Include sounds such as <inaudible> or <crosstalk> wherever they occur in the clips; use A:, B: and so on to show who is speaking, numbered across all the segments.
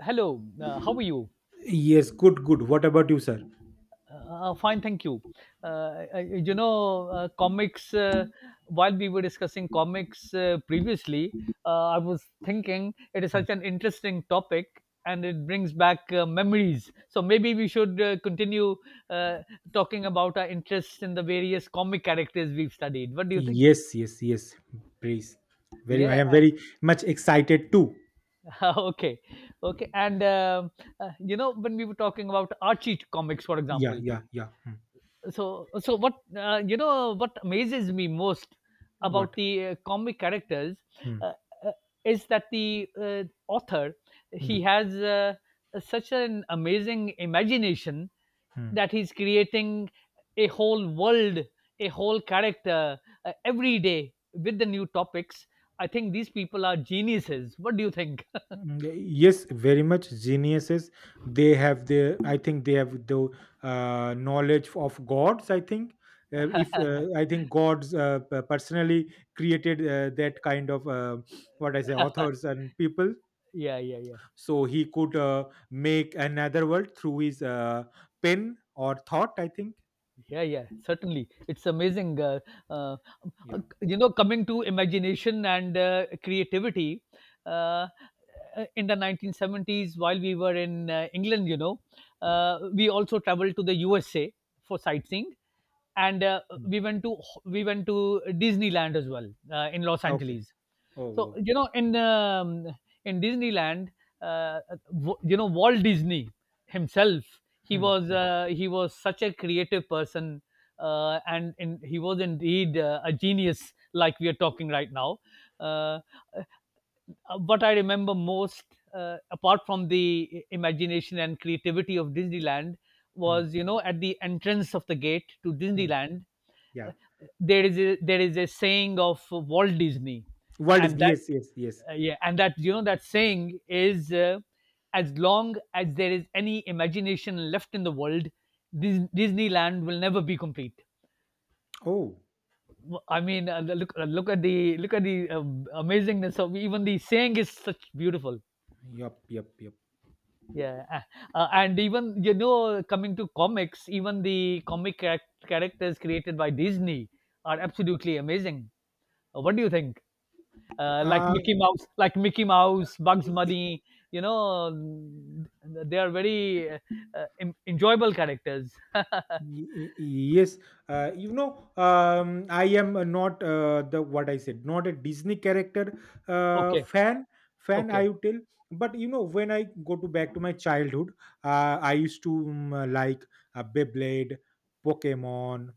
A: Hello, how are you?
B: Yes, good, good. What about you, sir?
A: Fine, thank you. Uh, I- you know, uh, comics, uh, while we were discussing comics previously, I was thinking it is such an interesting topic and it brings back memories. So maybe we should continue uh, talking about our interests in the various comic characters we've studied. What do you think?
B: Yes, yes, yes. Please. I
A: Yeah,
B: am
A: uh,
B: very much excited too.
A: <laughs> okay, okay, and you know when we were talking about Archie comics, for
B: Yeah,
A: example,
B: yeah, yeah. Hmm.
A: so what, you know, what amazes me most about
B: What?
A: the comic characters
B: Hmm.
A: uh, uh, is that the author he
B: Hmm.
A: has such an amazing imagination
B: Hmm.
A: that he's creating a whole world, a whole character, every day with the new topics. I think these people are geniuses. What do you think?
B: Mm, yeah, yes, very much geniuses. They have their, I think they have the knowledge of gods. I think if I think gods personally created that kind of what I say, authors and people,
A: <laughs> Yeah, yeah, yeah.
B: so he could make another world through his pen or thought, I think.
A: Yeah, yeah, certainly. It's amazing. Uh,
B: Yeah.
A: you know, coming to imagination and creativity, uh, in the 1970s, while we were in England, you know, we also traveled to the USA for sightseeing, and uh,
B: Hmm.
A: we went to we went to Disneyland as well in Los
B: Okay.
A: Angeles.
B: Oh,
A: So
B: oh.
A: you know, in Disneyland, uh, you know, Walt Disney himself, he
B: Hmm,
A: was
B: hmm,
A: uh, he was such a creative person, he was indeed a genius, like we are talking right now. Uh, what I remember most, apart from the imagination and creativity of Disneyland,
B: hmm,
A: was, you know, at the entrance of the gate to
B: hmm.
A: Disneyland, uh,
B: Yeah.
A: there is a saying of Walt Disney,
B: World is,
A: and that,
B: yes, yes, yes.
A: yeah, and that, you know, that saying is, as long as there is any imagination left in the world, Disneyland will never be complete.
B: Oh.
A: I mean, look at the amazingness of even the saying is such beautiful.
B: Yup. Yup. Yup.
A: Yeah, uh, and even, you know, coming to comics, even the comic characters created by Disney are absolutely amazing. What do you think? Like Mickey
B: Yep.
A: Mouse, <laughs> like Mickey Mouse, Bugs Bunny. You know, they are very enjoyable characters.
B: Y- yes. You know, I am not the, what I said, not a Disney character
A: Okay,
B: fan. Fan, I
A: okay,
B: would tell. But you know, when I go to back to my childhood, I used to like, Beyblade, Pokemon,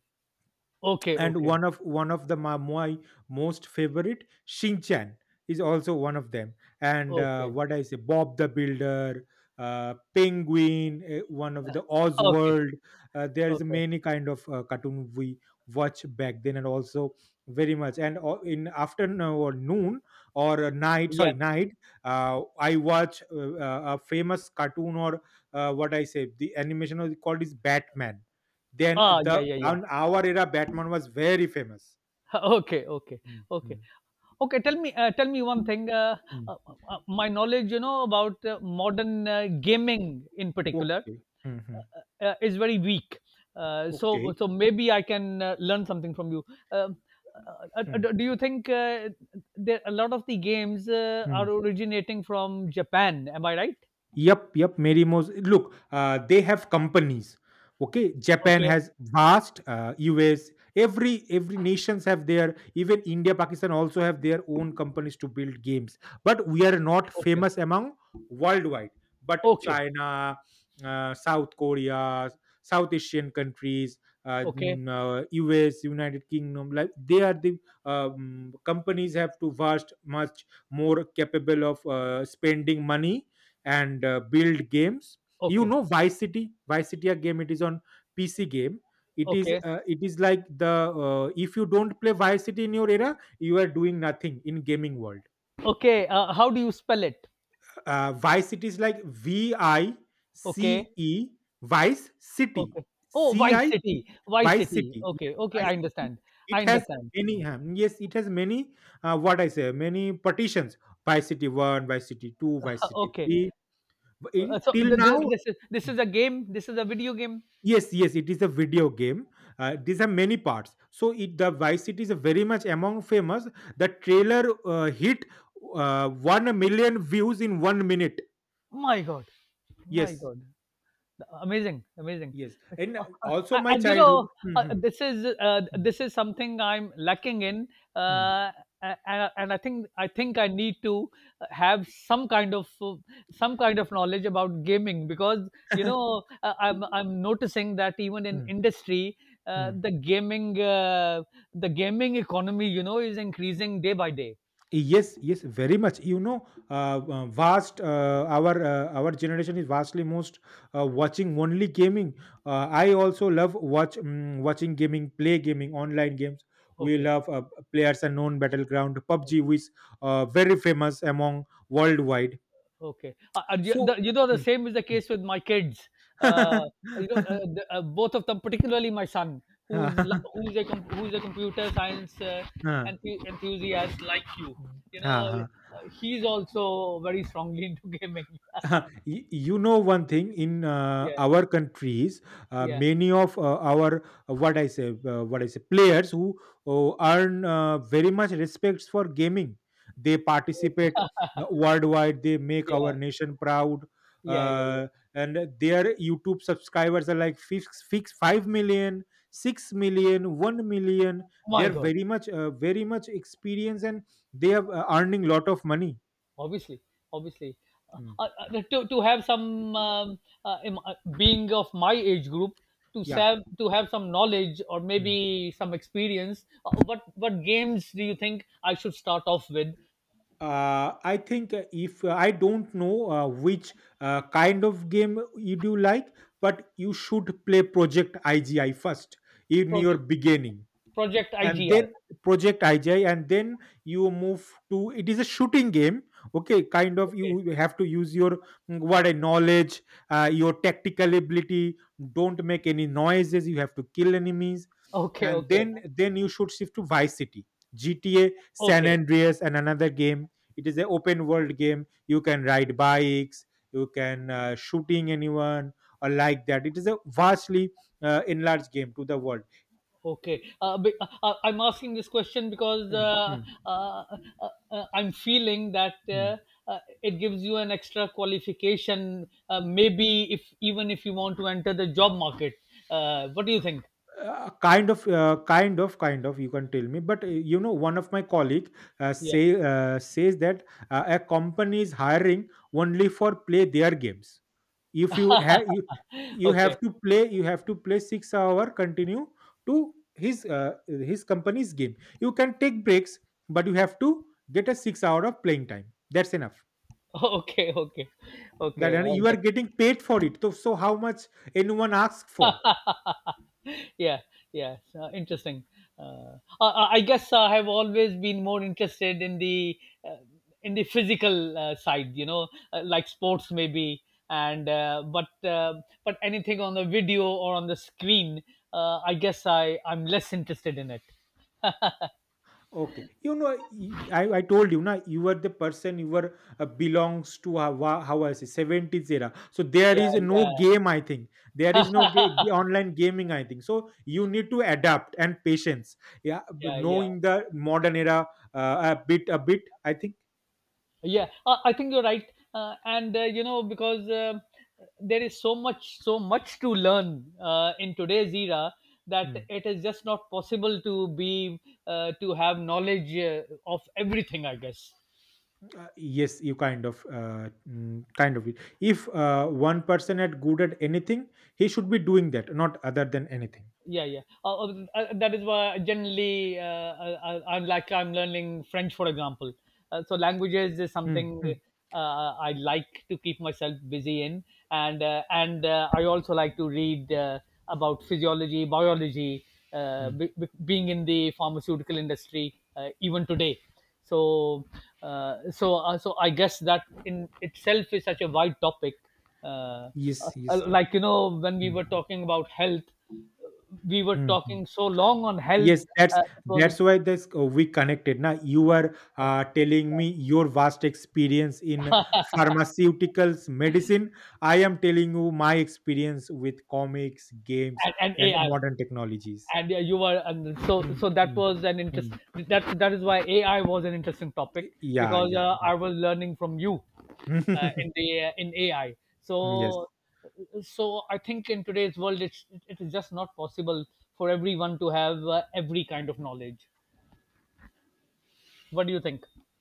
A: okay,
B: and
A: okay,
B: one of the my most favorite Shinchan is also one of them. And
A: okay,
B: what I say, Bob the Builder, penguin, eh, one of the
A: okay,
B: Oswald. There is
A: okay.
B: many kind of cartoon we watch back then, and also very much. And in afternoon or noon, or night, sorry,
A: Yeah.
B: night, I watch a famous cartoon, or what I say, the animation is called is Batman. Then
A: Ah, yeah,
B: the,
A: yeah, yeah.
B: on our era, Batman was very famous.
A: <laughs> Okay, okay,
B: Mm, mm,
A: okay, okay. Tell me one thing.
B: mm.
A: Uh, my knowledge, you know, about modern gaming in particular
B: Okay. Mhm.
A: is very weak. Uh, so
B: Okay.
A: so maybe I can learn something from you. Um,
B: Hmm.
A: do you think there a lot of the games
B: Hmm.
A: are originating from Japan? Am I right?
B: Yep, yep, Merimo's. Look, they have companies. Okay, Japan
A: Okay,
B: has vast, US, every nations have their. Even India, Pakistan also have their own companies to build games. But we are not
A: okay,
B: famous among worldwide. But
A: okay,
B: China, South Korea, South Asian countries,
A: okay,
B: US, United Kingdom, like they are the, companies have to vast, much more capable of spending money and build games. You
A: okay,
B: know, Vice City, a game. It is on PC game. It is
A: okay,
B: it is like the, if you don't play Vice City in your era, you are doing nothing in gaming world.
A: okay. How do you spell it?
B: Vice City is like V I
A: Okay,
B: C E, Vice City,
A: okay. Oh,
B: C
A: Vice
B: I T,
A: City, Vice
B: Vice
A: City.
B: City, yes,
A: Okay, okay.
B: Vice
A: I
B: City.
A: understand.
B: It
A: I
B: has
A: understand.
B: many, yes, it has many, what I say, many partitions, Vice City 1, Vice City 2, Vice City
A: Okay.
B: 3. But
A: Uh,
B: it-
A: so
B: till
A: th- th-
B: now.
A: this is this is a game. This is a video game.
B: Yes, yes, it is a video game. These are many parts. So it, the Vice City is very much among famous. The trailer hit 1 million views in 1 minute.
A: My God, my
B: Yes,
A: God. Amazing, amazing.
B: yes, and
A: uh,
B: also my
A: and you
B: childhood.
A: know, uh,
B: Mhm.
A: this is uh,
B: Mm,
A: this is something I'm lacking in,
B: mm.
A: uh, and, and I need to have some kind of knowledge about gaming, because, you
B: <laughs>
A: know, I'm noticing that even in
B: Mm,
A: industry, uh,
B: mm.
A: the gaming uh, the gaming economy, you know, is increasing day by day.
B: Yes, yes, very much. You know, vast, our generation is vastly most watching only gaming. I also love watch, watching gaming, play gaming, online games. We
A: Okay.
B: love players unknown battleground PUBG, which is very famous among worldwide.
A: Okay.
B: So.
A: You know, the
B: Hmm,
A: same is the
B: hmm.
A: case with my kids. Uh, you know,
B: <laughs>
A: both of them, particularly my son, who's
B: हाँ
A: la- who's a com- who's a computer science
B: हाँ.
A: enthusiast like you. You
B: हाँ
A: know,
B: हाँ. <laughs>
A: he's also very strongly into <laughs> gaming.
B: <laughs> Huh, y- you know, one thing in
A: Yeah,
B: our countries,
A: yeah,
B: many of our, what I say, players who earn very much respects for gaming. They participate
A: okay.
B: worldwide. They make our
A: Yeah,
B: nation proud.
A: yeah, yeah, yeah.
B: uh, and their YouTube subscribers are like, fix 5 million, 6 million, 1 million.
A: Oh My
B: They're
A: God.
B: very much, very much experienced, and they have earning lot of money.
A: Obviously, obviously, uh,
B: Hmm.
A: uh, to have some being of my age group, to
B: Yeah.
A: have, to have some knowledge or maybe some experience, what games do you think I should start off with?
B: I think if I don't know which kind of game you do like, but you should play Project IGI first in your
A: project
B: beginning,
A: project igi
B: and then Project IJI. And then you move to, it is a shooting game. Okay, kind of,
A: Okay,
B: you have to use your, what a knowledge, your tactical ability. Don't make any noises, you have to kill enemies.
A: okay,
B: And
A: okay,
B: then you should shift to Vice City, GTA San
A: okay.
B: Andreas and another game. It is an open world game. You can ride bikes. You can shooting anyone, or like that. It is a vastly enlarged game to the world.
A: Okay, I'm asking this question because
B: Hmm, hmm,
A: uh, I'm feeling that
B: hmm.
A: it gives you an extra qualification. Maybe if, even if, you want to enter the job market, what do you think?
B: Kind of, kind of, you can tell me. But you know, one of my colleague
A: Yeah.
B: says that a company is hiring only for play their games. If you have you,
A: Okay.
B: you have to play 6-hour continue to his uh, his company's game. You can take breaks, but you have to get a 6 hour of playing time. That's enough.
A: <laughs> Okay. Okay.
B: That,
A: Okay.
B: and you are getting paid for it. So, so how much anyone asks for.
A: <laughs> Yeah, yeah, so interesting. I guess I have always been more interested uh, in the physical side, you know, like sports maybe, and but anything on the video or on the screen, I guess I'm less interested in it.
B: Okay, you know, y- I told you, na, you were the person, you were belongs to, how, wa- how I say, seventies era. So there
A: Yeah,
B: is no
A: yeah,
B: game, I think. There is no online gaming, I think. So you need to adapt and patience. Yeah, b-
A: yeah, yeah.
B: knowing the modern era a bit, I think.
A: Yeah, I think you're right, and you know, because there is so much, so much to learn in today's era, that
B: Hmm.
A: it is just not possible to be to have knowledge of everything, I guess.
B: Yes, you kind of, kind of, it. If one person at good at anything, he should be doing that, not other than anything.
A: Yeah, yeah, that is why generally, I'm learning French, for example, so languages is
B: Hmm,
A: something
B: hmm,
A: I like to keep myself busy in, and I also like to read about physiology, biology,
B: hmm.
A: being in the pharmaceutical industry even today. so so I guess that in itself is such a wide topic, uh, uh,
B: Yes, yes.
A: like, you know, when we
B: Hmm,
A: were talking about health, we were
B: hmm, hmm.
A: talking so long on health.
B: Yes, that's
A: It was,
B: that's why this, we connected. Now you are
A: uh,
B: telling me your vast experience in pharmaceuticals, medicine. I am telling you my experience with comics, games,
A: and
B: and
A: AI,
B: modern technologies.
A: and you were, and so
B: Mm,
A: so that
B: mm,
A: was an interest.
B: mm.
A: That is why AI was an interesting topic,
B: Yeah,
A: because
B: yeah, yeah.
A: I was learning from you
B: <laughs>
A: in AI.
B: yes.
A: So so I think in today's world, it is just not possible for everyone to have every kind of knowledge. What do you think? <laughs>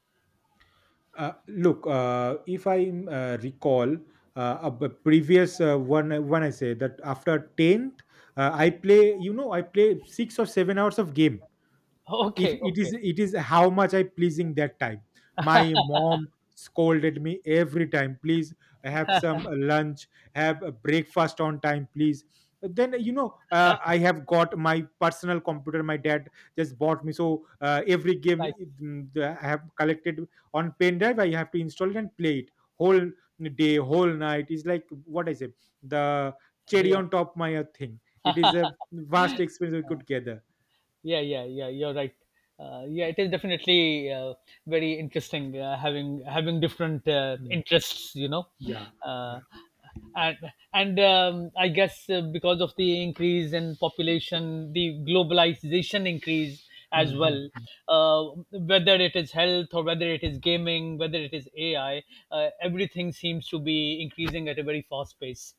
B: Look, if I recall a b- previous, one I say that after tenth, I play. You know, I play 6 or 7 hours of game. If
A: Okay,
B: it
A: okay,
B: is, it is how much I pleasing that time, my mom scolded me every time. Please have some lunch, have a breakfast on time, please. Then you know, I have got my personal computer. My dad just bought me. So every game,
A: nice.
B: that I have collected on pen drive, I have to install it and play it whole day whole night. It is like, what I say, the cherry
A: Yeah.
B: on top, my thing. It is a vast experience we could gather.
A: Yeah, yeah, yeah. You're right. Yeah, it is definitely very interesting having different
B: Mm.
A: interests, you know.
B: Yeah,
A: uh,
B: yeah.
A: and and I guess because of the increase in population, the globalization increase
B: Hmm,
A: as
B: hmm,
A: well.
B: hmm.
A: Uh, Whether it is health or whether it is gaming, whether it is AI, everything seems to be increasing at a very fast pace.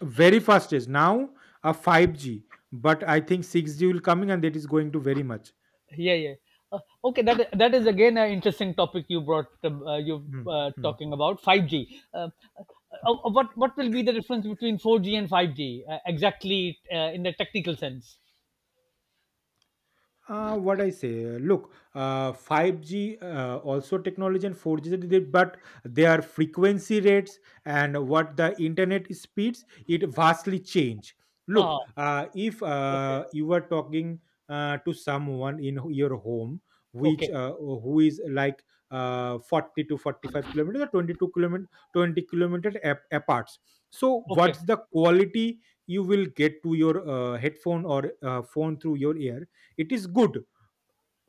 B: Very fast is now a 5G, but I think 6G will coming and it is going to very much.
A: Yeah, yeah. uh, okay, that is again an interesting topic you brought, you
B: Hmm, hmm.
A: talking about 5G, what will be the difference between 4G and 5G exactly, in the technical sense?
B: What I say, look, 5G, also technology and 4G, that they-, but their frequency rates and what the internet speeds, it vastly change.
A: Ah,
B: Look, if
A: okay,
B: you are talking to someone in your home, which
A: okay,
B: who is like, 40 to 45 kilometers or 22 kilometer, 20 kilometers apart. So,
A: okay,
B: what's the quality you will get to your headphone or phone through your ear? It is good.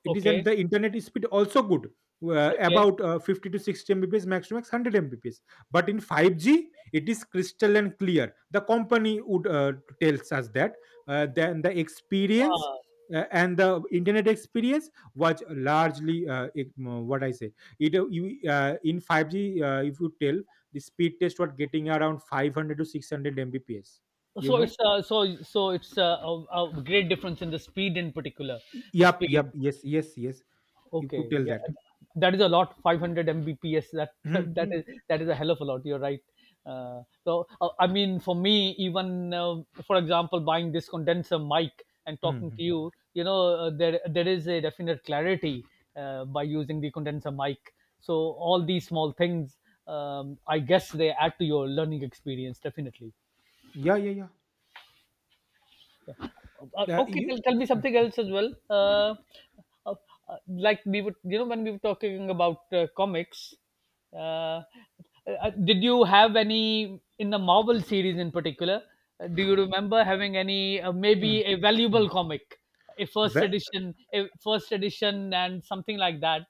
B: It is, and
A: okay,
B: the internet speed also good,
A: okay.
B: about 50 to 60 mbps, max to max 100 mbps. But in 5G, it is crystal and clear. The company would tells us that then the experience
A: Ah,
B: and the internet experience was largely, what I say, it, in 5G, if you tell, the speed test was getting around 500 to 600 mbps, you
A: so it's,
B: know.
A: a great difference in the speed in particular,
B: Y-
A: the
B: yup, yup,
A: speed.
B: yes, yes, yes. You could
A: Okay,
B: tell
A: yeah,
B: that.
A: that is a lot. 500 Mbps. That <laughs>
B: Mhm,
A: that
B: mhm.
A: is, that is a hell of a lot. You're right. I mean, for me, even for example, buying this condenser mic and talking
B: Mhm.
A: to you, you know, there is a definite clarity by using the condenser mic. So all these small things, I guess, they add to your learning experience definitely.
B: Yeah, yeah,
A: Yeah.
B: yeah.
A: Okay,
B: You,
A: tell, tell me something else as well. Uh, like we were, you know, when we were talking about comics, uh, did you have any in the Marvel series in particular? Do you remember having any
B: mm,
A: maybe a
B: mm.
A: valuable comic,
B: Ve-
A: a first edition, and something like that?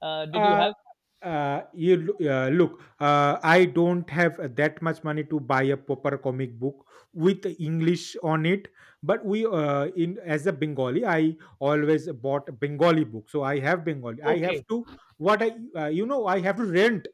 A: Did you
B: uh,
A: have?
B: you loo- look, I don't have that much money to buy a proper comic book with English on it. But we, in as a Bengali, I always bought Bengali book, so I have Bengali. I have
A: Okay,
B: to, what I, you know, I have to rent.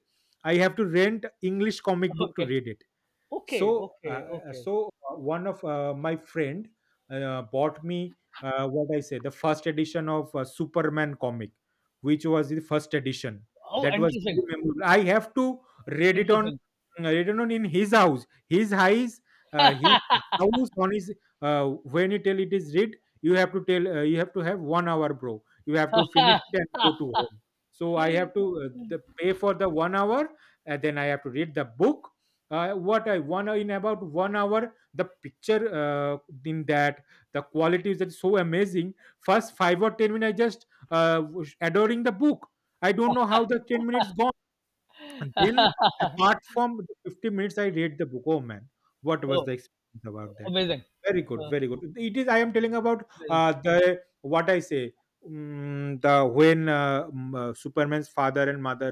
B: I have to rent English comic book to
A: okay,
B: read it.
A: okay,
B: So
A: okay, okay.
B: one of my friend bought me, what I say, the first edition of Superman comic, which was the first edition.
A: Oh,
B: That was
A: interesting,
B: very memorable. I have to read it on,
A: interesting.
B: in his house, his house, on his, uh, when you tell it is read, you have to tell, you have to have 1 hour, bro. You have to finish it and go to home. So I have to pay for the 1 hour, and then I have to read the book. What I one in About 1 hour, the picture, in that, the quality is just so amazing. First 5 or 10 minutes, I just was adoring the book. I don't know how the 10 minutes gone. And then, apart
A: <laughs>
B: from the 50 minutes, I read the book. Oh man, what was
A: Oh,
B: the experience about that?
A: amazing.
B: Very good,
A: Uh,
B: very good. It is. I am telling about
A: amazing.
B: the, what I say, the, when Superman's father and mother,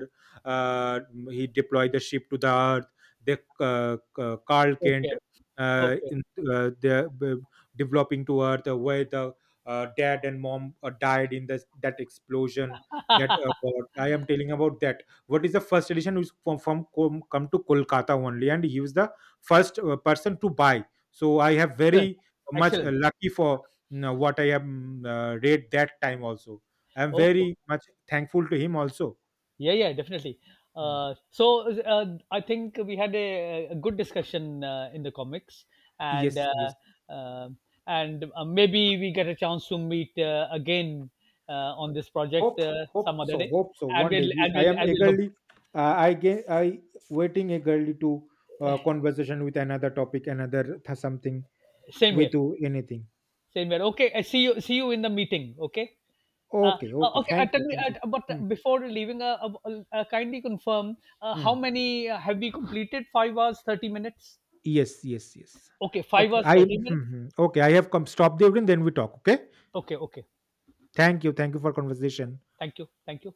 B: uh, he deployed the ship to the Earth. They, uh, Carl Kent,
A: Okay.
B: uh,
A: Okay.
B: in, they're b- developing to Earth, where the dad and mom died in this that explosion. That, what I am telling about that, what is the first edition is from come to Kolkata only, and he was the first person to buy. So I have
A: Excellent.
B: very much
A: Excellent.
B: lucky for, you know, what I have read that time also. I am
A: Okay.
B: very much thankful to him also.
A: Yeah, yeah, definitely.
B: Mm.
A: I think we had a good discussion in the comics, and
B: Yes,
A: uh,
B: yes.
A: uh, and maybe we get a chance to meet again on this project
B: Hope, hope
A: some other
B: so,
A: day,
B: hope so,
A: and
B: one day,
A: we'll
B: because
A: and
B: I
A: we'll
B: am
A: and we'll hope.
B: eagerly, I ge- I waiting eagerly to conversation with another topic, another something,
A: Same here.
B: with you. Anything.
A: Same here. Okay. I see you. See you in the meeting. Okay.
B: Okay, okay,
A: Okay,
B: thank you,
A: tell me,
B: thank you.
A: but
B: Mm,
A: before leaving, kindly confirm how
B: mm.
A: many have we completed? 5 hours, 30 minutes?
B: Yes, yes, yes.
A: Okay, five
B: Okay,
A: hours,
B: I,
A: 30 minutes?
B: mhm, okay. I have come. Stop the evening, then we talk. Okay.
A: Okay, okay.
B: Thank you. Thank you for conversation.
A: Thank you. Thank you.